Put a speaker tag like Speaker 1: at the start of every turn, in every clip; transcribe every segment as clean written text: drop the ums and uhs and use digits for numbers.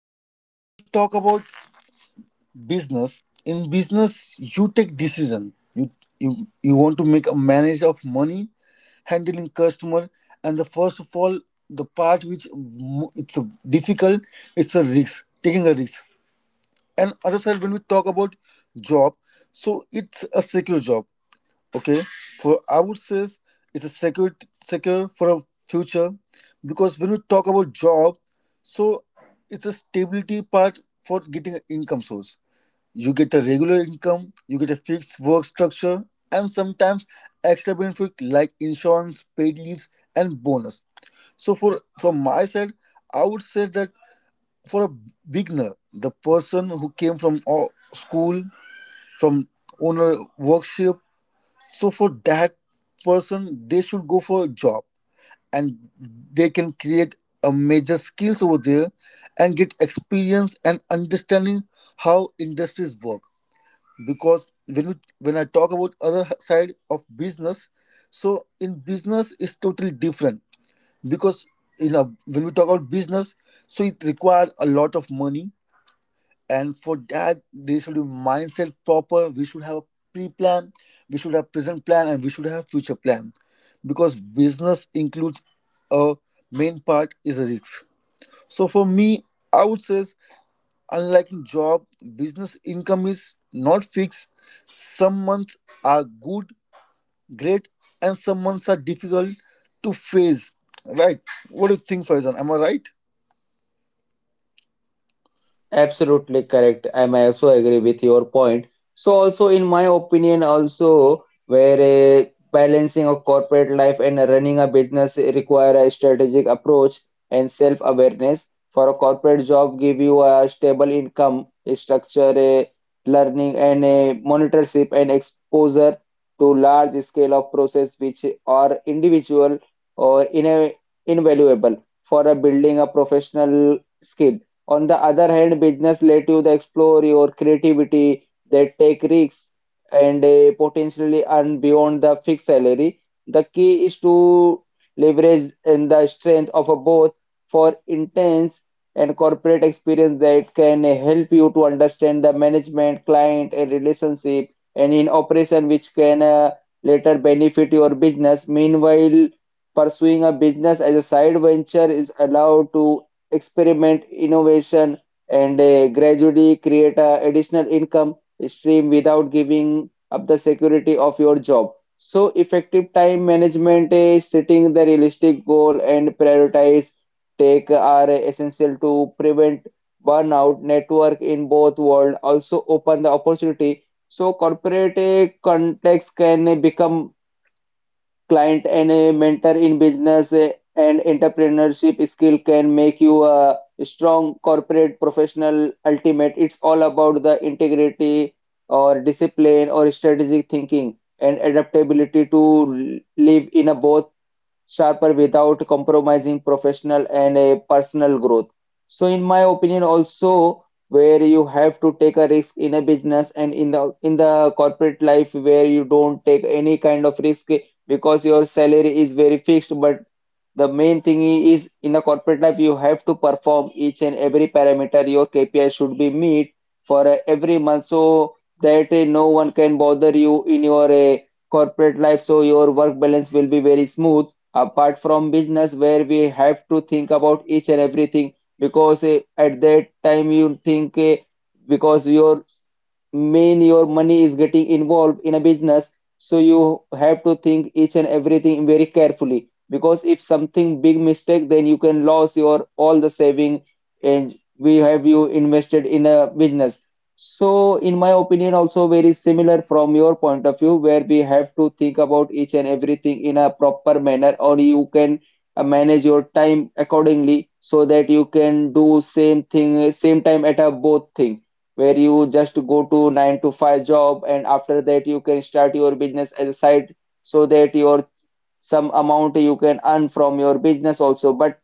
Speaker 1: So when we talk about business, in business you take decision. You want to make a manage of money, handling customer, and the first of all the part it's a difficult, it's a risk, taking a risk. And other side when we talk about job, so it's a secure job, okay, for I would say it's a secure for a future because when we talk about job, so it's a stability part for getting an income source. You get a regular income, you get a fixed work structure, and sometimes extra benefit like insurance, paid leaves and bonus. So for from my side, I would say that for a beginner, the person who came from school, from owner workshop, so for that person they should go for a job, and they can create a major skills over there and get experience and understanding how industries work. Because when I talk about other side of business, so in business it's totally different, because you know, when we talk about business, so it required a lot of money, and for that there should be mindset proper. We should have a pre-plan, we should have present plan, and we should have future plan, because business includes a main part is a risk. So for me, I would say unlike in job, business income is not fixed. Some months are good, great, and some months are difficult to face, right? What do you think, Faizan, am I right?
Speaker 2: Absolutely correct. I may also agree with your point. So also in my opinion also where a balancing a corporate life and running a business require a strategic approach and self-awareness. For a corporate job give you a stable income a structure, a learning and a monitorship and exposure to large scale of process which are individual or in a invaluable for a building a professional skill on the other hand, business let you explore your creativity, they take risks and potentially earn beyond the fixed salary. The key is to leverage in the strength of a both for intense and corporate experience that can help you to understand the management, client, and relationship, and in operation which can later benefit your business. Meanwhile, pursuing a business as a side venture is allowed to experiment, innovation, and gradually create a additional income stream without giving up the security of your job. So effective time management is setting the realistic goal and prioritize take are essential to prevent burnout network in both world also open the opportunity so corporate context can become client and a mentor in business and entrepreneurship skill can make you a strong corporate professional ultimate it's all about the integrity or discipline or strategic thinking and adaptability to live in a both sharper without compromising professional and a personal growth. So, in my opinion, also where you have to take a risk in a business and in the corporate life where you don't take any kind of risk because your salary is very fixed, but the main thing is in a corporate life, you have to perform each and every parameter. Your KPI should be meet for every month so that no one can bother you in your corporate life. So your work balance will be very smooth. Apart from business, where we have to think about each and everything because at that time you think because main your money is getting involved in a business, so you have to think each and everything very carefully because if something big mistake then you can lose your all the saving and we have you invested in a business. So in my opinion also very similar from your point of view where we have to think about each and everything in a proper manner or you can manage your time accordingly so that you can do same thing same time at a both thing where you just go to 9 to 5 job and after that you can start your business as a side so that your some amount you can earn from your business also. But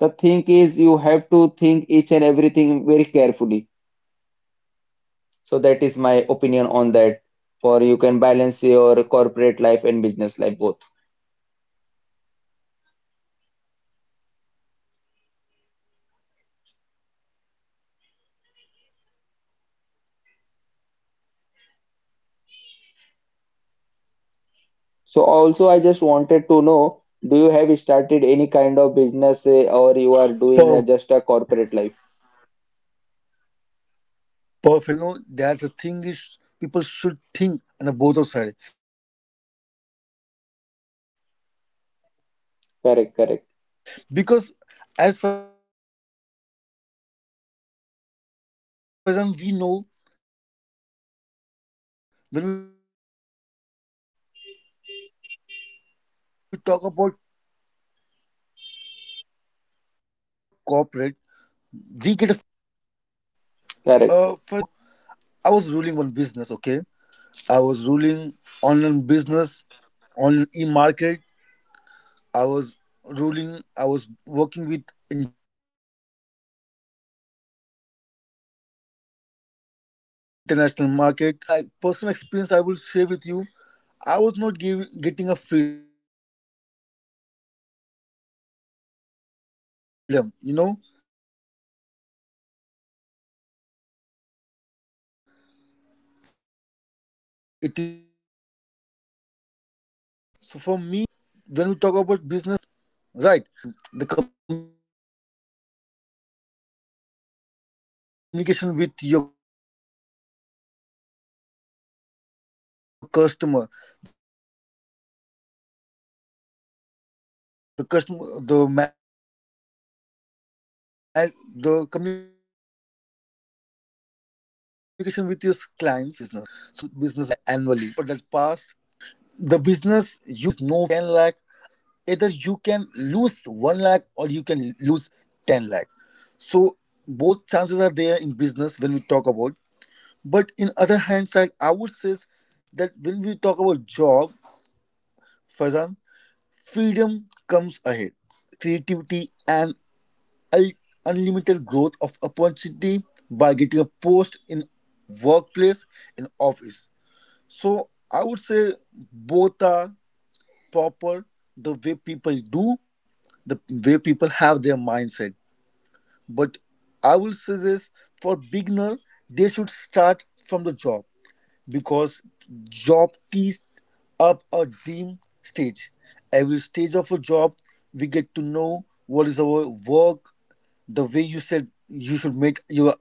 Speaker 2: the thing is, you have to think each and everything very carefully. So that is my opinion on that. For you can balance your corporate life and business life both. So also, I just wanted to know, do you have started any kind of business or you are doing just
Speaker 1: Perfect.
Speaker 2: a corporate life?
Speaker 1: Perfect, Faizan. The way you said that is totally, it's natural. You know, that's the thing is people should think on the both of
Speaker 2: Correct,
Speaker 1: side,
Speaker 2: correct,
Speaker 1: because as Faizan we know, when we talk about corporate, we get a freedom, right? Yeah. Faizan, I would like to say, in the past in 2023-24
Speaker 2: correct,
Speaker 1: I was ruling one business. Okay, I was ruling online business, online e-market. I was I was working with international market of online sector. So in that, my personal experience I will share with you. I was not giving getting a freedom. You know, it is unlimited to get apart from outside. So for me, when we when I talk about business, so when we talk about business, so business require a multiple skill and a leadership quality, right? And the communication with your management team, the communication with your customer, the customer the ma- the communication with your skills of being apart with customer and clients. It's totally become a part of your business, and it's play a major role. It's a major part of a business, so you should have a specific skill for a business requirement to getting a business more growth by annually. So I would say I had gone for that path from the business phase. But yeah, the business, you can say there is no income line. There is no fixed income. Either you can earn a monthly one lakh, either you can earn a monthly ten lakh, either you can lose 1 lakh, or you can lose 10 lakh. So both chances are there in business when we talk about. But in other hand side, I would say that when we talk about job, Fazan, freedom comes ahead, creativity and ul- unlimited growth of opportunity by getting a post in workplace, in office. So I would say both are proper, the way people do, the way people have their mindset. But I will suggest for beginner they should start from the job, because job tees up a dream stage. Every stage of a job we get to know what is our work, the way you said, you should make your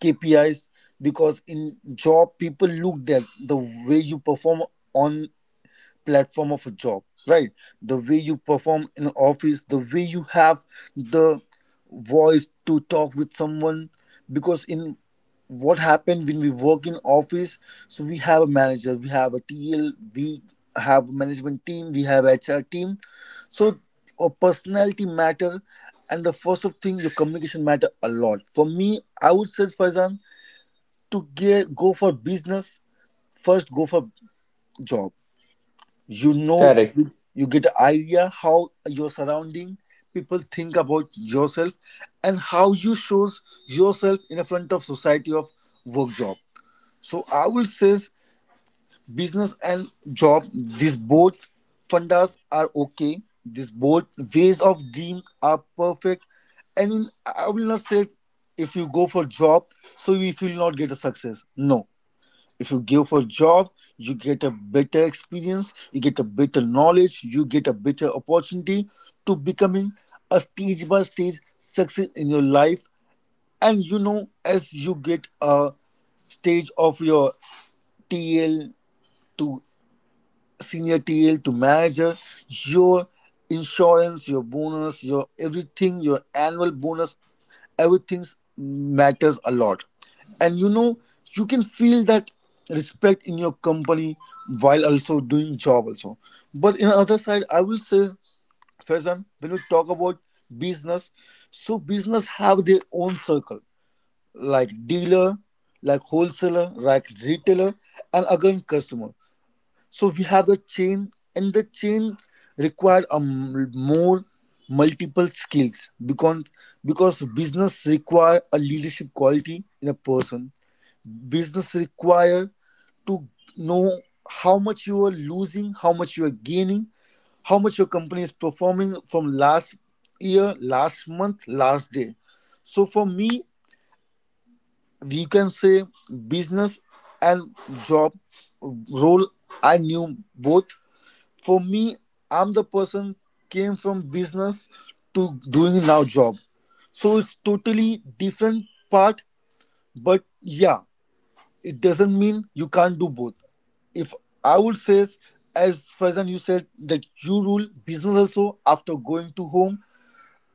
Speaker 1: KPIs, because in job people look that the way you perform on platform of a job, right? The way you perform in office, the way you have the voice to talk with someone. Because in what happened when we work in office, so we have a manager, we have a TL, we have a management team, we have HR team. So a personality matter, and the first of thing, your communication matter a lot. For me, I would say, Faizan, to go for business, first go for job. You know,
Speaker 2: correct,
Speaker 1: you get idea how your surrounding people think about yourself, and how you shows yourself in the front of society of work, job. So I will say business and job, these both fundas are okay, these both ways of dream are perfect. And I will not say if you go for job, so you will not get a success. No, if you give for job, you get a better experience, you get a better knowledge, you get a better opportunity to becoming a stage by stage success in your life. And you know, as you get a stage of your TL to senior TL to manager, your insurance, your bonus, your everything, your annual bonus, everything matters a lot. And you know, you can feel that respect in your company while also doing job also. But in other side, I will say, Faizan, when we talk about business, so business have their own circle, like dealer, like wholesaler, like retailer, and again customer. So we have the chain, and the chain require a more multiple skills, because business require a leadership quality in a person. Business require to know how much you are losing, how much you are gaining, how much your company is performing from last year, last month, last day. So for me, we can say business and job role. I knew both. For me, I'm the person came from business to doing now job, so it's totally different part. But yeah, it doesn't mean you can't do both. If I would say, as Faizan, you said that you rule business also after going to home,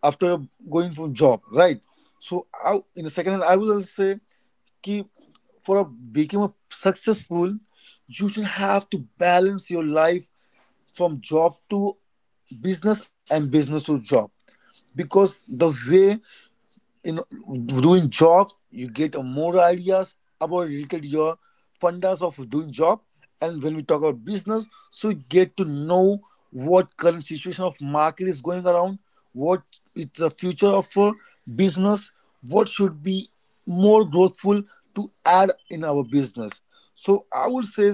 Speaker 1: after going from job, right? In the second hand I will also say, keep become a successful, you should have to balance your life from job to business and business to job. Because the way, you know doing job, you get more ideas about related your fundas of doing job. And when we talk about business, so you get to know what current situation of market is going around, what is the future of business, what should be more growthful to add in our business. So I would say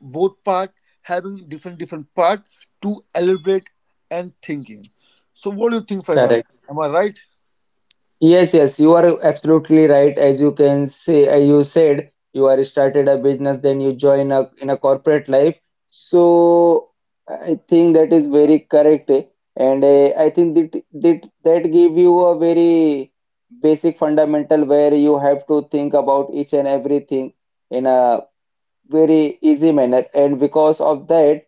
Speaker 1: both part having different different part to elaborate and thinking. So what do you think, Faizan,
Speaker 2: correct.
Speaker 1: am I right?
Speaker 2: Yes, yes, you are absolutely right. As you can say, you said you are started a business, then you join a in a corporate life. So I think that is very correct, and I think that give you a very basic fundamental where you have to think about each and everything in a very easy manner. And because of that,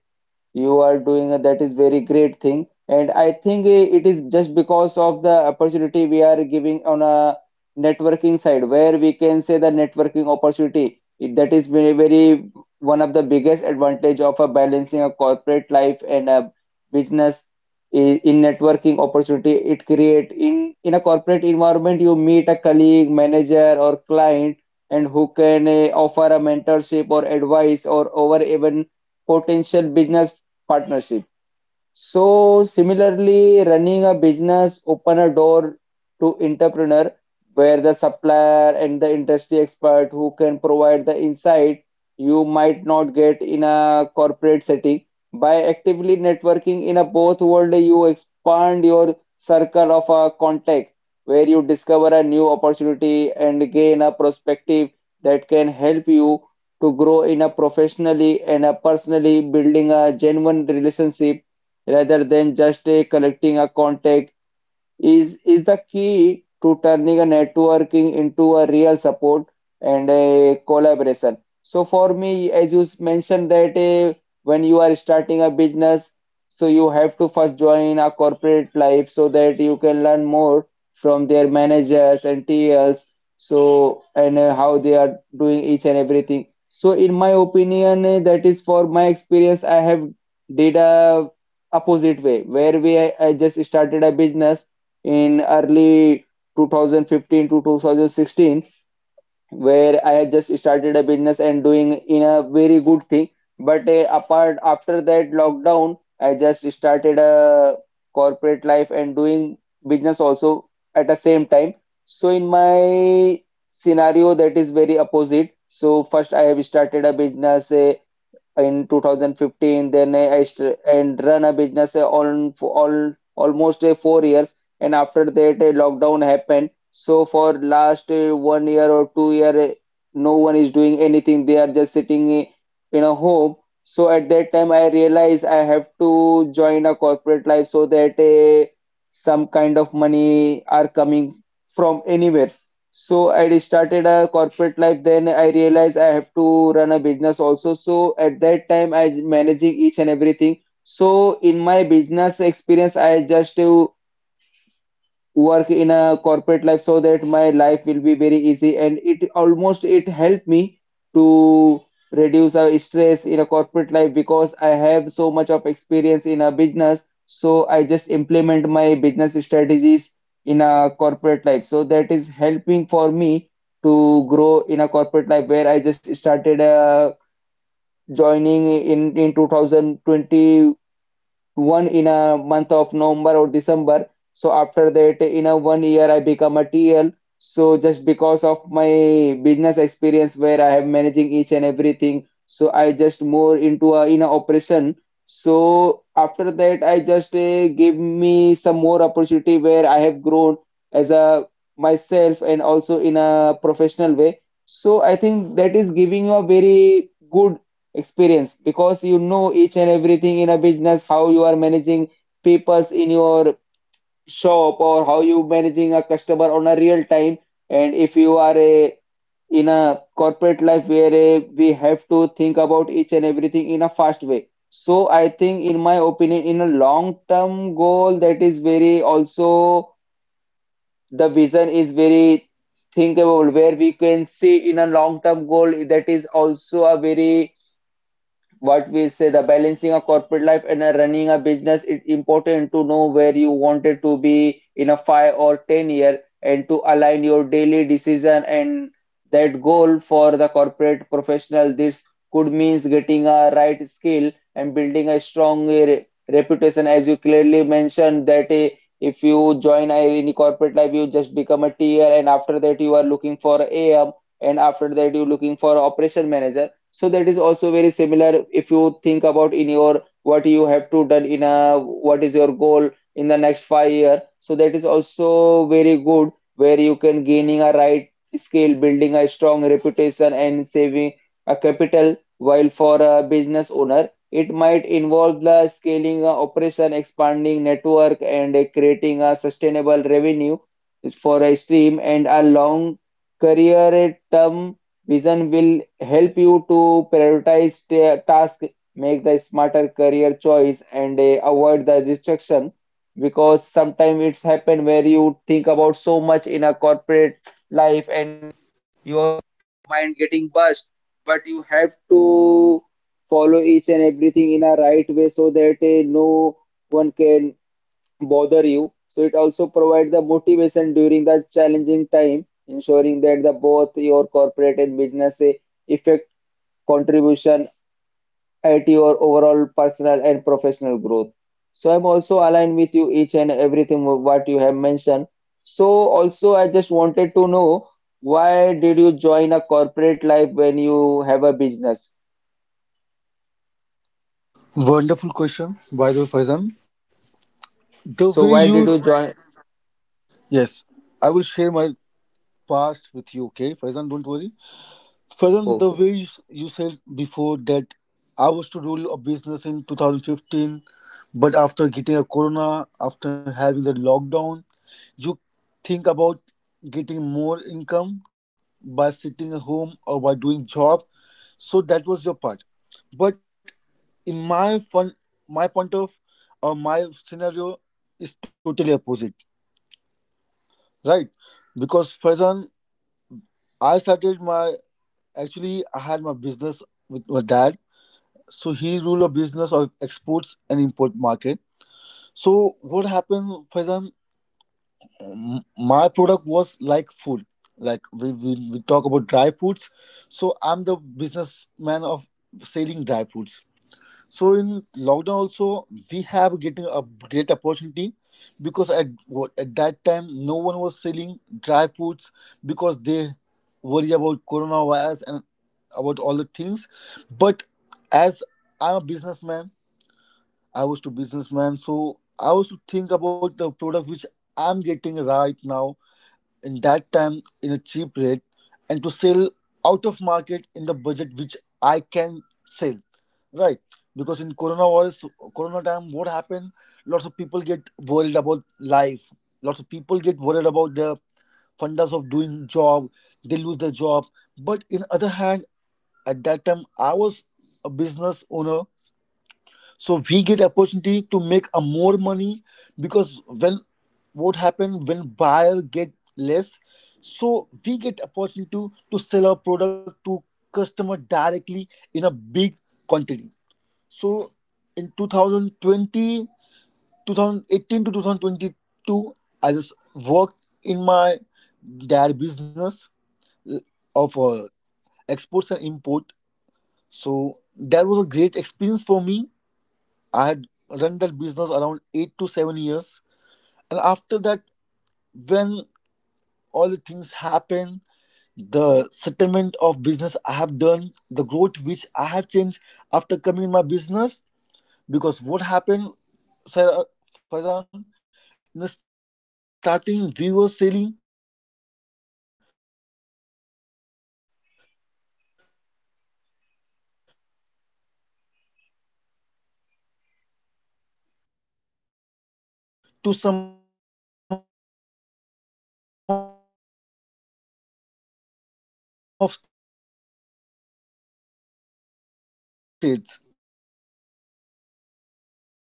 Speaker 2: you are doing a, that is very great thing and I think it is just because of the opportunity we are giving on a networking side where we can say the networking opportunity, that is very very one of the biggest advantage of a balancing a corporate life and a business in networking opportunity it create in a corporate environment you meet a colleague manager or client and who can offer a mentorship or advice or over even potential business partnership. So similarly, running a business open a door to entrepreneur where the supplier and the industry expert who can provide the insight you might not get in a corporate setting. By actively networking in a both world, you expand your circle of a contact where you discover a new opportunity and gain a perspective that can help you to grow in a professionally and a personally building a genuine relationship rather than just collecting a contact is the key to turning a networking into a real support and a collaboration. So for me, as you mentioned that when you are starting a business, so you have to first join a corporate life so that you can learn more from their managers and TLs. So and how they are doing each and everything. So in my opinion, that is for my experience. I have did a opposite way where we I just started a business in early 2015 to 2016 where I had just started a business and doing in a very good thing but apart after that lockdown I just started a corporate life and doing business also at the same time. So in my scenario that is very opposite, so first I have started a business in 2015, then I and run a business on for all almost 4 years and after that a lockdown happened, so for last 1 year or 2 year no one is doing anything, they are just sitting in a home. So at that time I realized I have to join a corporate life so that some kind of money are coming from anywhere, so I started a corporate life. Then I realized I have to run a business also. So at that time, I managing each and everything. So in my business experience, I just work in a corporate life so that my life will be very easy and it almost it helped me to reduce our stress in a corporate life because I have so much of experience in a business, so I just implement my business strategies in a corporate life so that is helping for me to grow in a corporate life where I just started joining in 2020 one in a month of November or December. So after that, in a 1 year, I become a TL. So just because of my business experience where I have managing each and everything, so I just more into a in a operation. So after that, I just give me some more opportunity where I have grown as a myself and also in a professional way. So I think that is giving you a very good experience because you know each and everything in a business how you are managing peoples in your shop or how you managing a customer on a real time and if you are a in a corporate life where a, we have to think about each and everything in a fast way. So I think in my opinion in a long term goal that is very also the vision is very thinkable where we can see in a long term goal that is also a very what we say the balancing a corporate life and a running a business it's important to know where you wanted to be in a 5 or 10 year and to align your daily decision and that goal for the corporate professional this could means getting a right skill and building a strong reputation as you clearly mentioned that if you join any corporate life you just become a tier and after that you are looking for am and after that you're looking for operation manager, so that is also very similar if you think about in your what you have to done in a what is your goal in the next 5 year. So that is also very good where you can gaining a right skill, building a strong reputation and saving a capital. While for a business owner, it might involve the scaling a operation, expanding network and creating a sustainable revenue for a stream and a long career term. Vision will help you to prioritize tasks, make the smarter career choice, and avoid the distraction. Because sometimes it's happened where you think about so much in a corporate life and your mind getting burst, but you have to follow each and everything in a right way so that no one can bother you. So it also provides the motivation during the challenging time, ensuring that the both your corporate and business effect contribution at your overall personal and professional growth. So I'm also aligned with you each and everything what you have mentioned. So also I just wanted to know, why did you join a corporate life when you have a business?
Speaker 1: Wonderful question, by the way, Faizan. The way
Speaker 2: So why
Speaker 1: you
Speaker 2: did you join?
Speaker 1: Yes, I will share my past with you. Okay, Faizan, don't worry. Faran, the
Speaker 2: Okay.
Speaker 1: way you said before that I was to rule a business in 2015, but after getting a corona, after having the lockdown, you think about getting more income by sitting at home or by doing job. So that was your part. But in my fun, my point of or my scenario is totally opposite, right? Because Faizan, I started my actually I had my business with my dad. So he rule a business of exports and import market. So what happened, Faizan, my product was like food. Like we talk about dry foods, so I'm the businessman of selling dry foods. So in lockdown also, we have getting a great opportunity, because at that time no one was selling dry foods, because they worry about coronavirus and about all the things. But as I'm a businessman, I was to businessman, so I was to think about the product which I'm getting right now, in that time, in a cheap rate, and to sell out of market in the budget which I can sell. Right. Because in corona time, what happened? Lots of people get worried about life. Lots of people get worried about the fundas of doing job, they lose their job. But in other hand, at that time I was a business owner, so we get opportunity to make a more money. Because when what happen when buyer get less, so we get opportunity to sell our product to customer directly in a big quantity. So in 2020, 2018 to 2022, I just worked in my dairy business of exports and import. So that was a great experience for me. I had run that business around 8 to 7 years. And after that, when all the things happen, the settlement of business I have done, the growth which I have changed after coming in my business, because what happened, Sir Faizan, in the starting we were selling to some of states, some of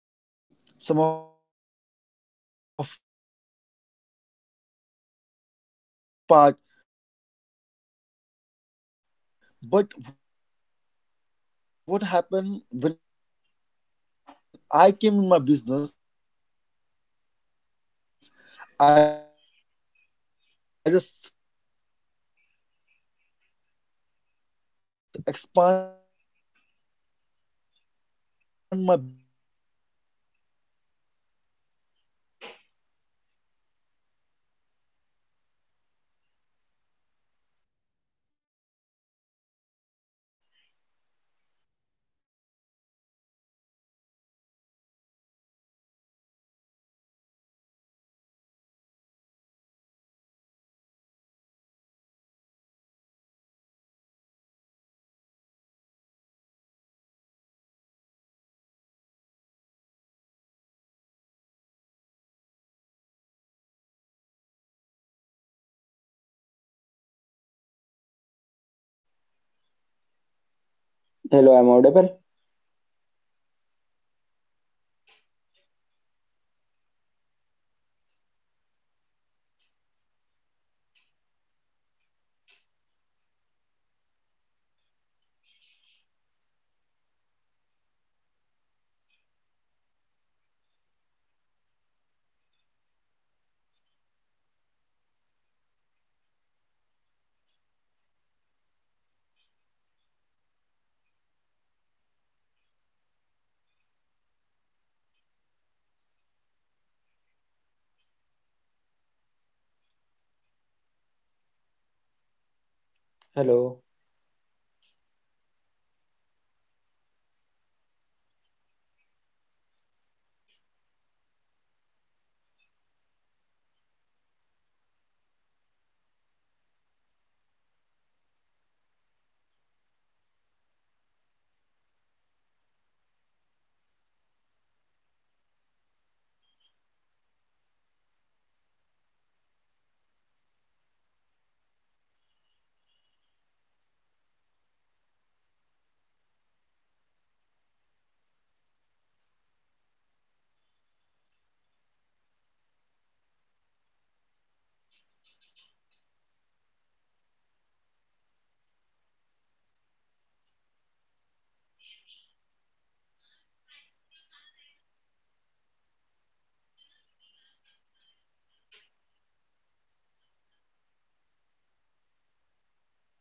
Speaker 1: part. But what happened when I came in my business, I just expand my business by getting more dealer on in every state. So for me coming in job role is totally different part because before coming to job role I had make my business in 10 different ways same product, but in the same time same 10 states. And before we were selling to two countries, one countries, but in export we were good, but in import the product which we get import from out of country. So for that purpose only Mumbai and Pune. This main was our spot to sell the product. But after when I came in business 2019 April, I knew the date like around 22 April. That
Speaker 2: Hello,
Speaker 1: was on
Speaker 2: I'm
Speaker 1: my first day
Speaker 2: audible.
Speaker 1: of my business with my dad. So working with him for 6 to 7 years, I had changed my business platform to a growth platform. You know, I had make, become in that perfect ways to get a business growth, and I had made 100 more dealers in India by every each and every state. Now, when I talk about my business in past, which I was ruling now my father rules, but I was ruling at that time. I had made dealer with Nashik, I had made the dealer with Pune, Bangalore, even Delhi,
Speaker 2: Hello.
Speaker 1: even Jammu Kashmir, even the which of the main partners we have, the main dealer we have in Bangla. So all the south and north and east I had accumulated in my business. So getting that level of maturity on business, that level of expanding my business. So I was thinking to go in a modern technology, to go a job. What's a job role? What a job plays? What a job make a man different? To changing my mind from business to job, it's more important because I want to go with the international AI function. I want to go with the modern technology business. I want to learn about what's job rules because I was the person I was not knowing about the job before, but after coming, after working, before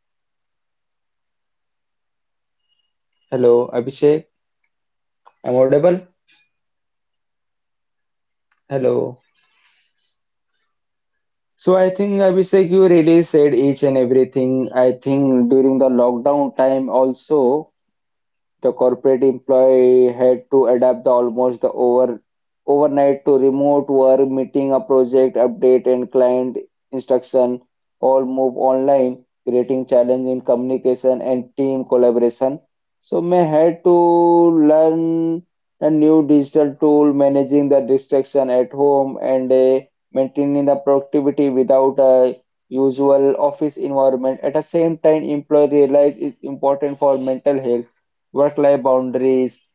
Speaker 1: this company I have joined like as a 3 years I have a
Speaker 2: Hello,
Speaker 1: experience of
Speaker 2: Abhishek.
Speaker 1: real estate
Speaker 2: I'm
Speaker 1: market.
Speaker 2: audible.
Speaker 1: That was my job. That was my first job. But yeah,
Speaker 2: Hello.
Speaker 1: in that field I had learned
Speaker 2: So I
Speaker 1: so many
Speaker 2: think,
Speaker 1: things.
Speaker 2: Abhishek, you really said
Speaker 1: I
Speaker 2: each and
Speaker 1: went to our
Speaker 2: everything. I think
Speaker 1: assistant
Speaker 2: during the
Speaker 1: sales
Speaker 2: lockdown
Speaker 1: manager
Speaker 2: time
Speaker 1: of every
Speaker 2: also
Speaker 1: properties.
Speaker 2: the
Speaker 1: But
Speaker 2: corporate
Speaker 1: yeah, what
Speaker 2: employee had
Speaker 1: happens
Speaker 2: to
Speaker 1: sometimes
Speaker 2: adapt the
Speaker 1: time
Speaker 2: almost the
Speaker 1: changes with the
Speaker 2: overnight
Speaker 1: surrounding,
Speaker 2: to
Speaker 1: with the
Speaker 2: remote work,
Speaker 1: years.
Speaker 2: meeting
Speaker 1: So
Speaker 2: a
Speaker 1: yeah,
Speaker 2: project update and
Speaker 1: working for a
Speaker 2: client
Speaker 1: job, I
Speaker 2: instruction
Speaker 1: get to
Speaker 2: all
Speaker 1: know
Speaker 2: move online,
Speaker 1: deeply about
Speaker 2: creating challenge in
Speaker 1: what the human
Speaker 2: communication and
Speaker 1: psychology
Speaker 2: team
Speaker 1: works,
Speaker 2: collaboration.
Speaker 1: what the
Speaker 2: So may
Speaker 1: human
Speaker 2: had to
Speaker 1: should have a patience to
Speaker 2: learn
Speaker 1: get a
Speaker 2: a
Speaker 1: more
Speaker 2: new
Speaker 1: growth,
Speaker 2: digital
Speaker 1: to get a
Speaker 2: tool,
Speaker 1: more
Speaker 2: managing the
Speaker 1: respect, to get
Speaker 2: distraction
Speaker 1: a
Speaker 2: at home
Speaker 1: perfect
Speaker 2: and
Speaker 1: future
Speaker 2: maintaining the
Speaker 1: for
Speaker 2: productivity
Speaker 1: upcoming
Speaker 2: without a
Speaker 1: world. Yeah.
Speaker 2: usual office
Speaker 1: Hello.
Speaker 2: environment. At the
Speaker 1: Yeah,
Speaker 2: same
Speaker 1: you are
Speaker 2: time,
Speaker 1: audible.
Speaker 2: employee realize it's important for mental health,
Speaker 1: Yes, yes, you are audible.
Speaker 2: work-life
Speaker 1: Hello.
Speaker 2: boundaries,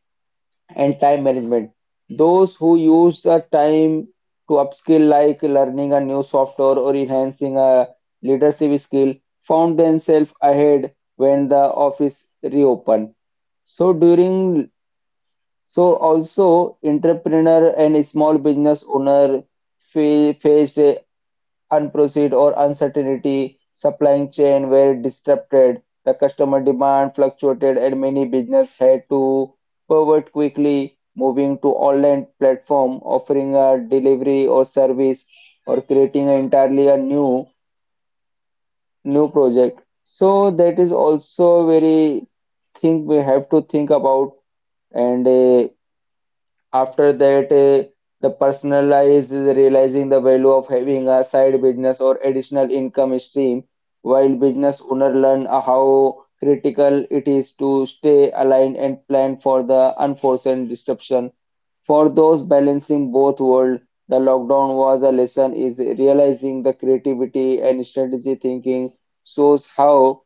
Speaker 2: and time management. Those who use the time to upskill, like learning a new software or enhancing a leadership skill, found themselves ahead when the office reopened. So during so also entrepreneur and small business owner faced unproceed or uncertainty, supply chain were disrupted, the customer demand fluctuated, and many business had to pivot quickly, moving to online platform, offering a delivery or service, or creating an entirely a new project. So that is also very thing we have to think about, and after that, uh, the personalized is realizing the value of having a side business or additional income stream, while business owner learn how critical it is to stay aligned and plan for the unforeseen disruption. For those balancing both worlds, the lockdown was a lesson is realizing the creativity and strategy thinking, shows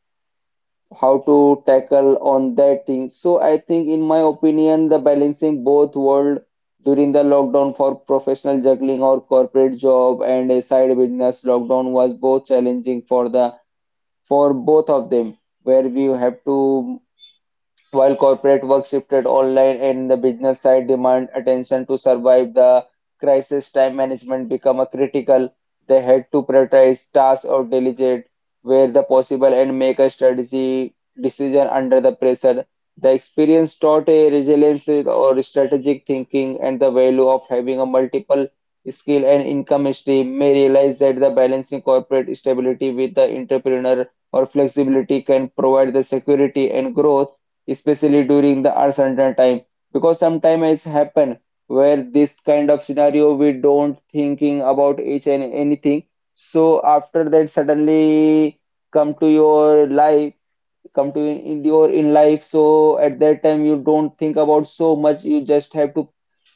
Speaker 2: how to tackle on that thing. So I think, in my opinion, the balancing both world during the lockdown for
Speaker 1: Right,
Speaker 2: professional
Speaker 1: Faizan.
Speaker 2: juggling or corporate job and a side business lockdown was both challenging for the for both of them, where we have to while corporate work shifted online and the business side demand attention to survive the crisis, time management became a critical. They had to prioritize tasks or delegate where the possible and make a strategy decision under the pressure. The experience taught a resilience or strategic thinking and the value of having a multiple skill and income stream may realize that the balancing corporate stability with the entrepreneur or flexibility can provide the security and growth, especially during the uncertain time. Because sometimes it happen where this kind of scenario we don't thinking about each and anything, so after that suddenly come to your life, come to in your in life, so at that time you don't think about so much, you just have to,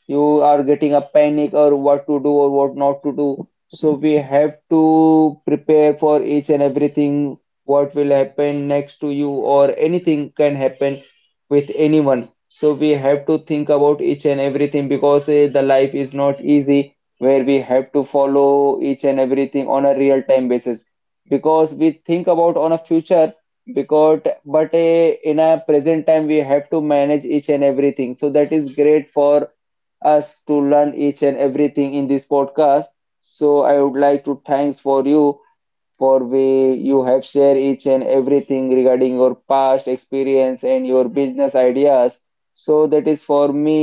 Speaker 2: you are getting a panic or what to do or what not to do. So we have to prepare for each and everything, what will happen next to you or anything can happen with anyone. So we have to think about each and everything because the life is not easy where we have to follow each and everything on a real time basis, because we think about on a future, because but in a present time we have to manage each and everything, so that is great for us to learn each and everything in this podcast. So I would like to thanks for you for way you have shared each and everything regarding your past experience and your business ideas. So that is for me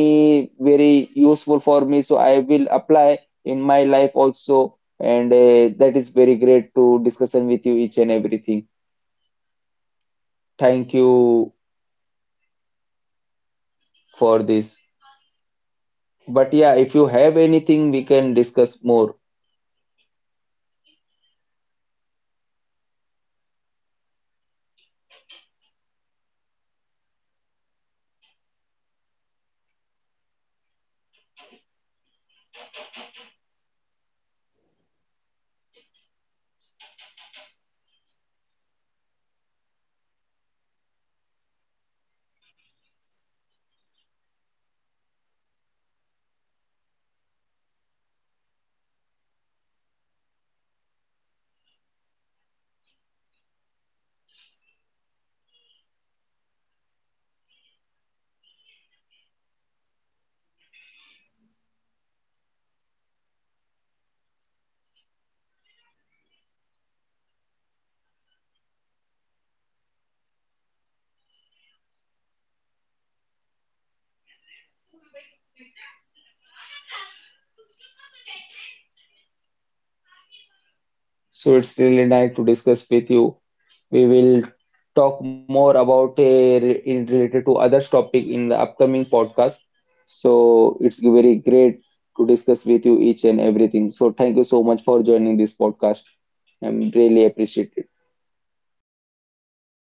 Speaker 2: very useful for me. So I will apply in my life also, and that is very great to discussion with you each and everything. Thank you for this. But yeah, if you have anything, we can discuss more.
Speaker 1: Yes, Faizan. Faizan, am I audible? Hello, am I audible, Faizan? Yes, Faizan. Am I audible? Faizan, am I audible? Am I audible? Am I audible, Faizan? Hello? Hello?
Speaker 2: So it's really
Speaker 1: Faizan,
Speaker 2: nice
Speaker 1: am
Speaker 2: to
Speaker 1: I
Speaker 2: discuss
Speaker 1: audible?
Speaker 2: with you.
Speaker 1: Hello?
Speaker 2: We will talk more about in
Speaker 1: Hello?
Speaker 2: related to others topic in the upcoming podcast.
Speaker 1: Hello?
Speaker 2: So it's very great to discuss with you each and everything. So thank you so much for
Speaker 1: Hello,
Speaker 2: joining
Speaker 1: Faizan,
Speaker 2: this
Speaker 1: am I
Speaker 2: podcast.
Speaker 1: audible?
Speaker 2: I'm
Speaker 1: Hello?
Speaker 2: really appreciated.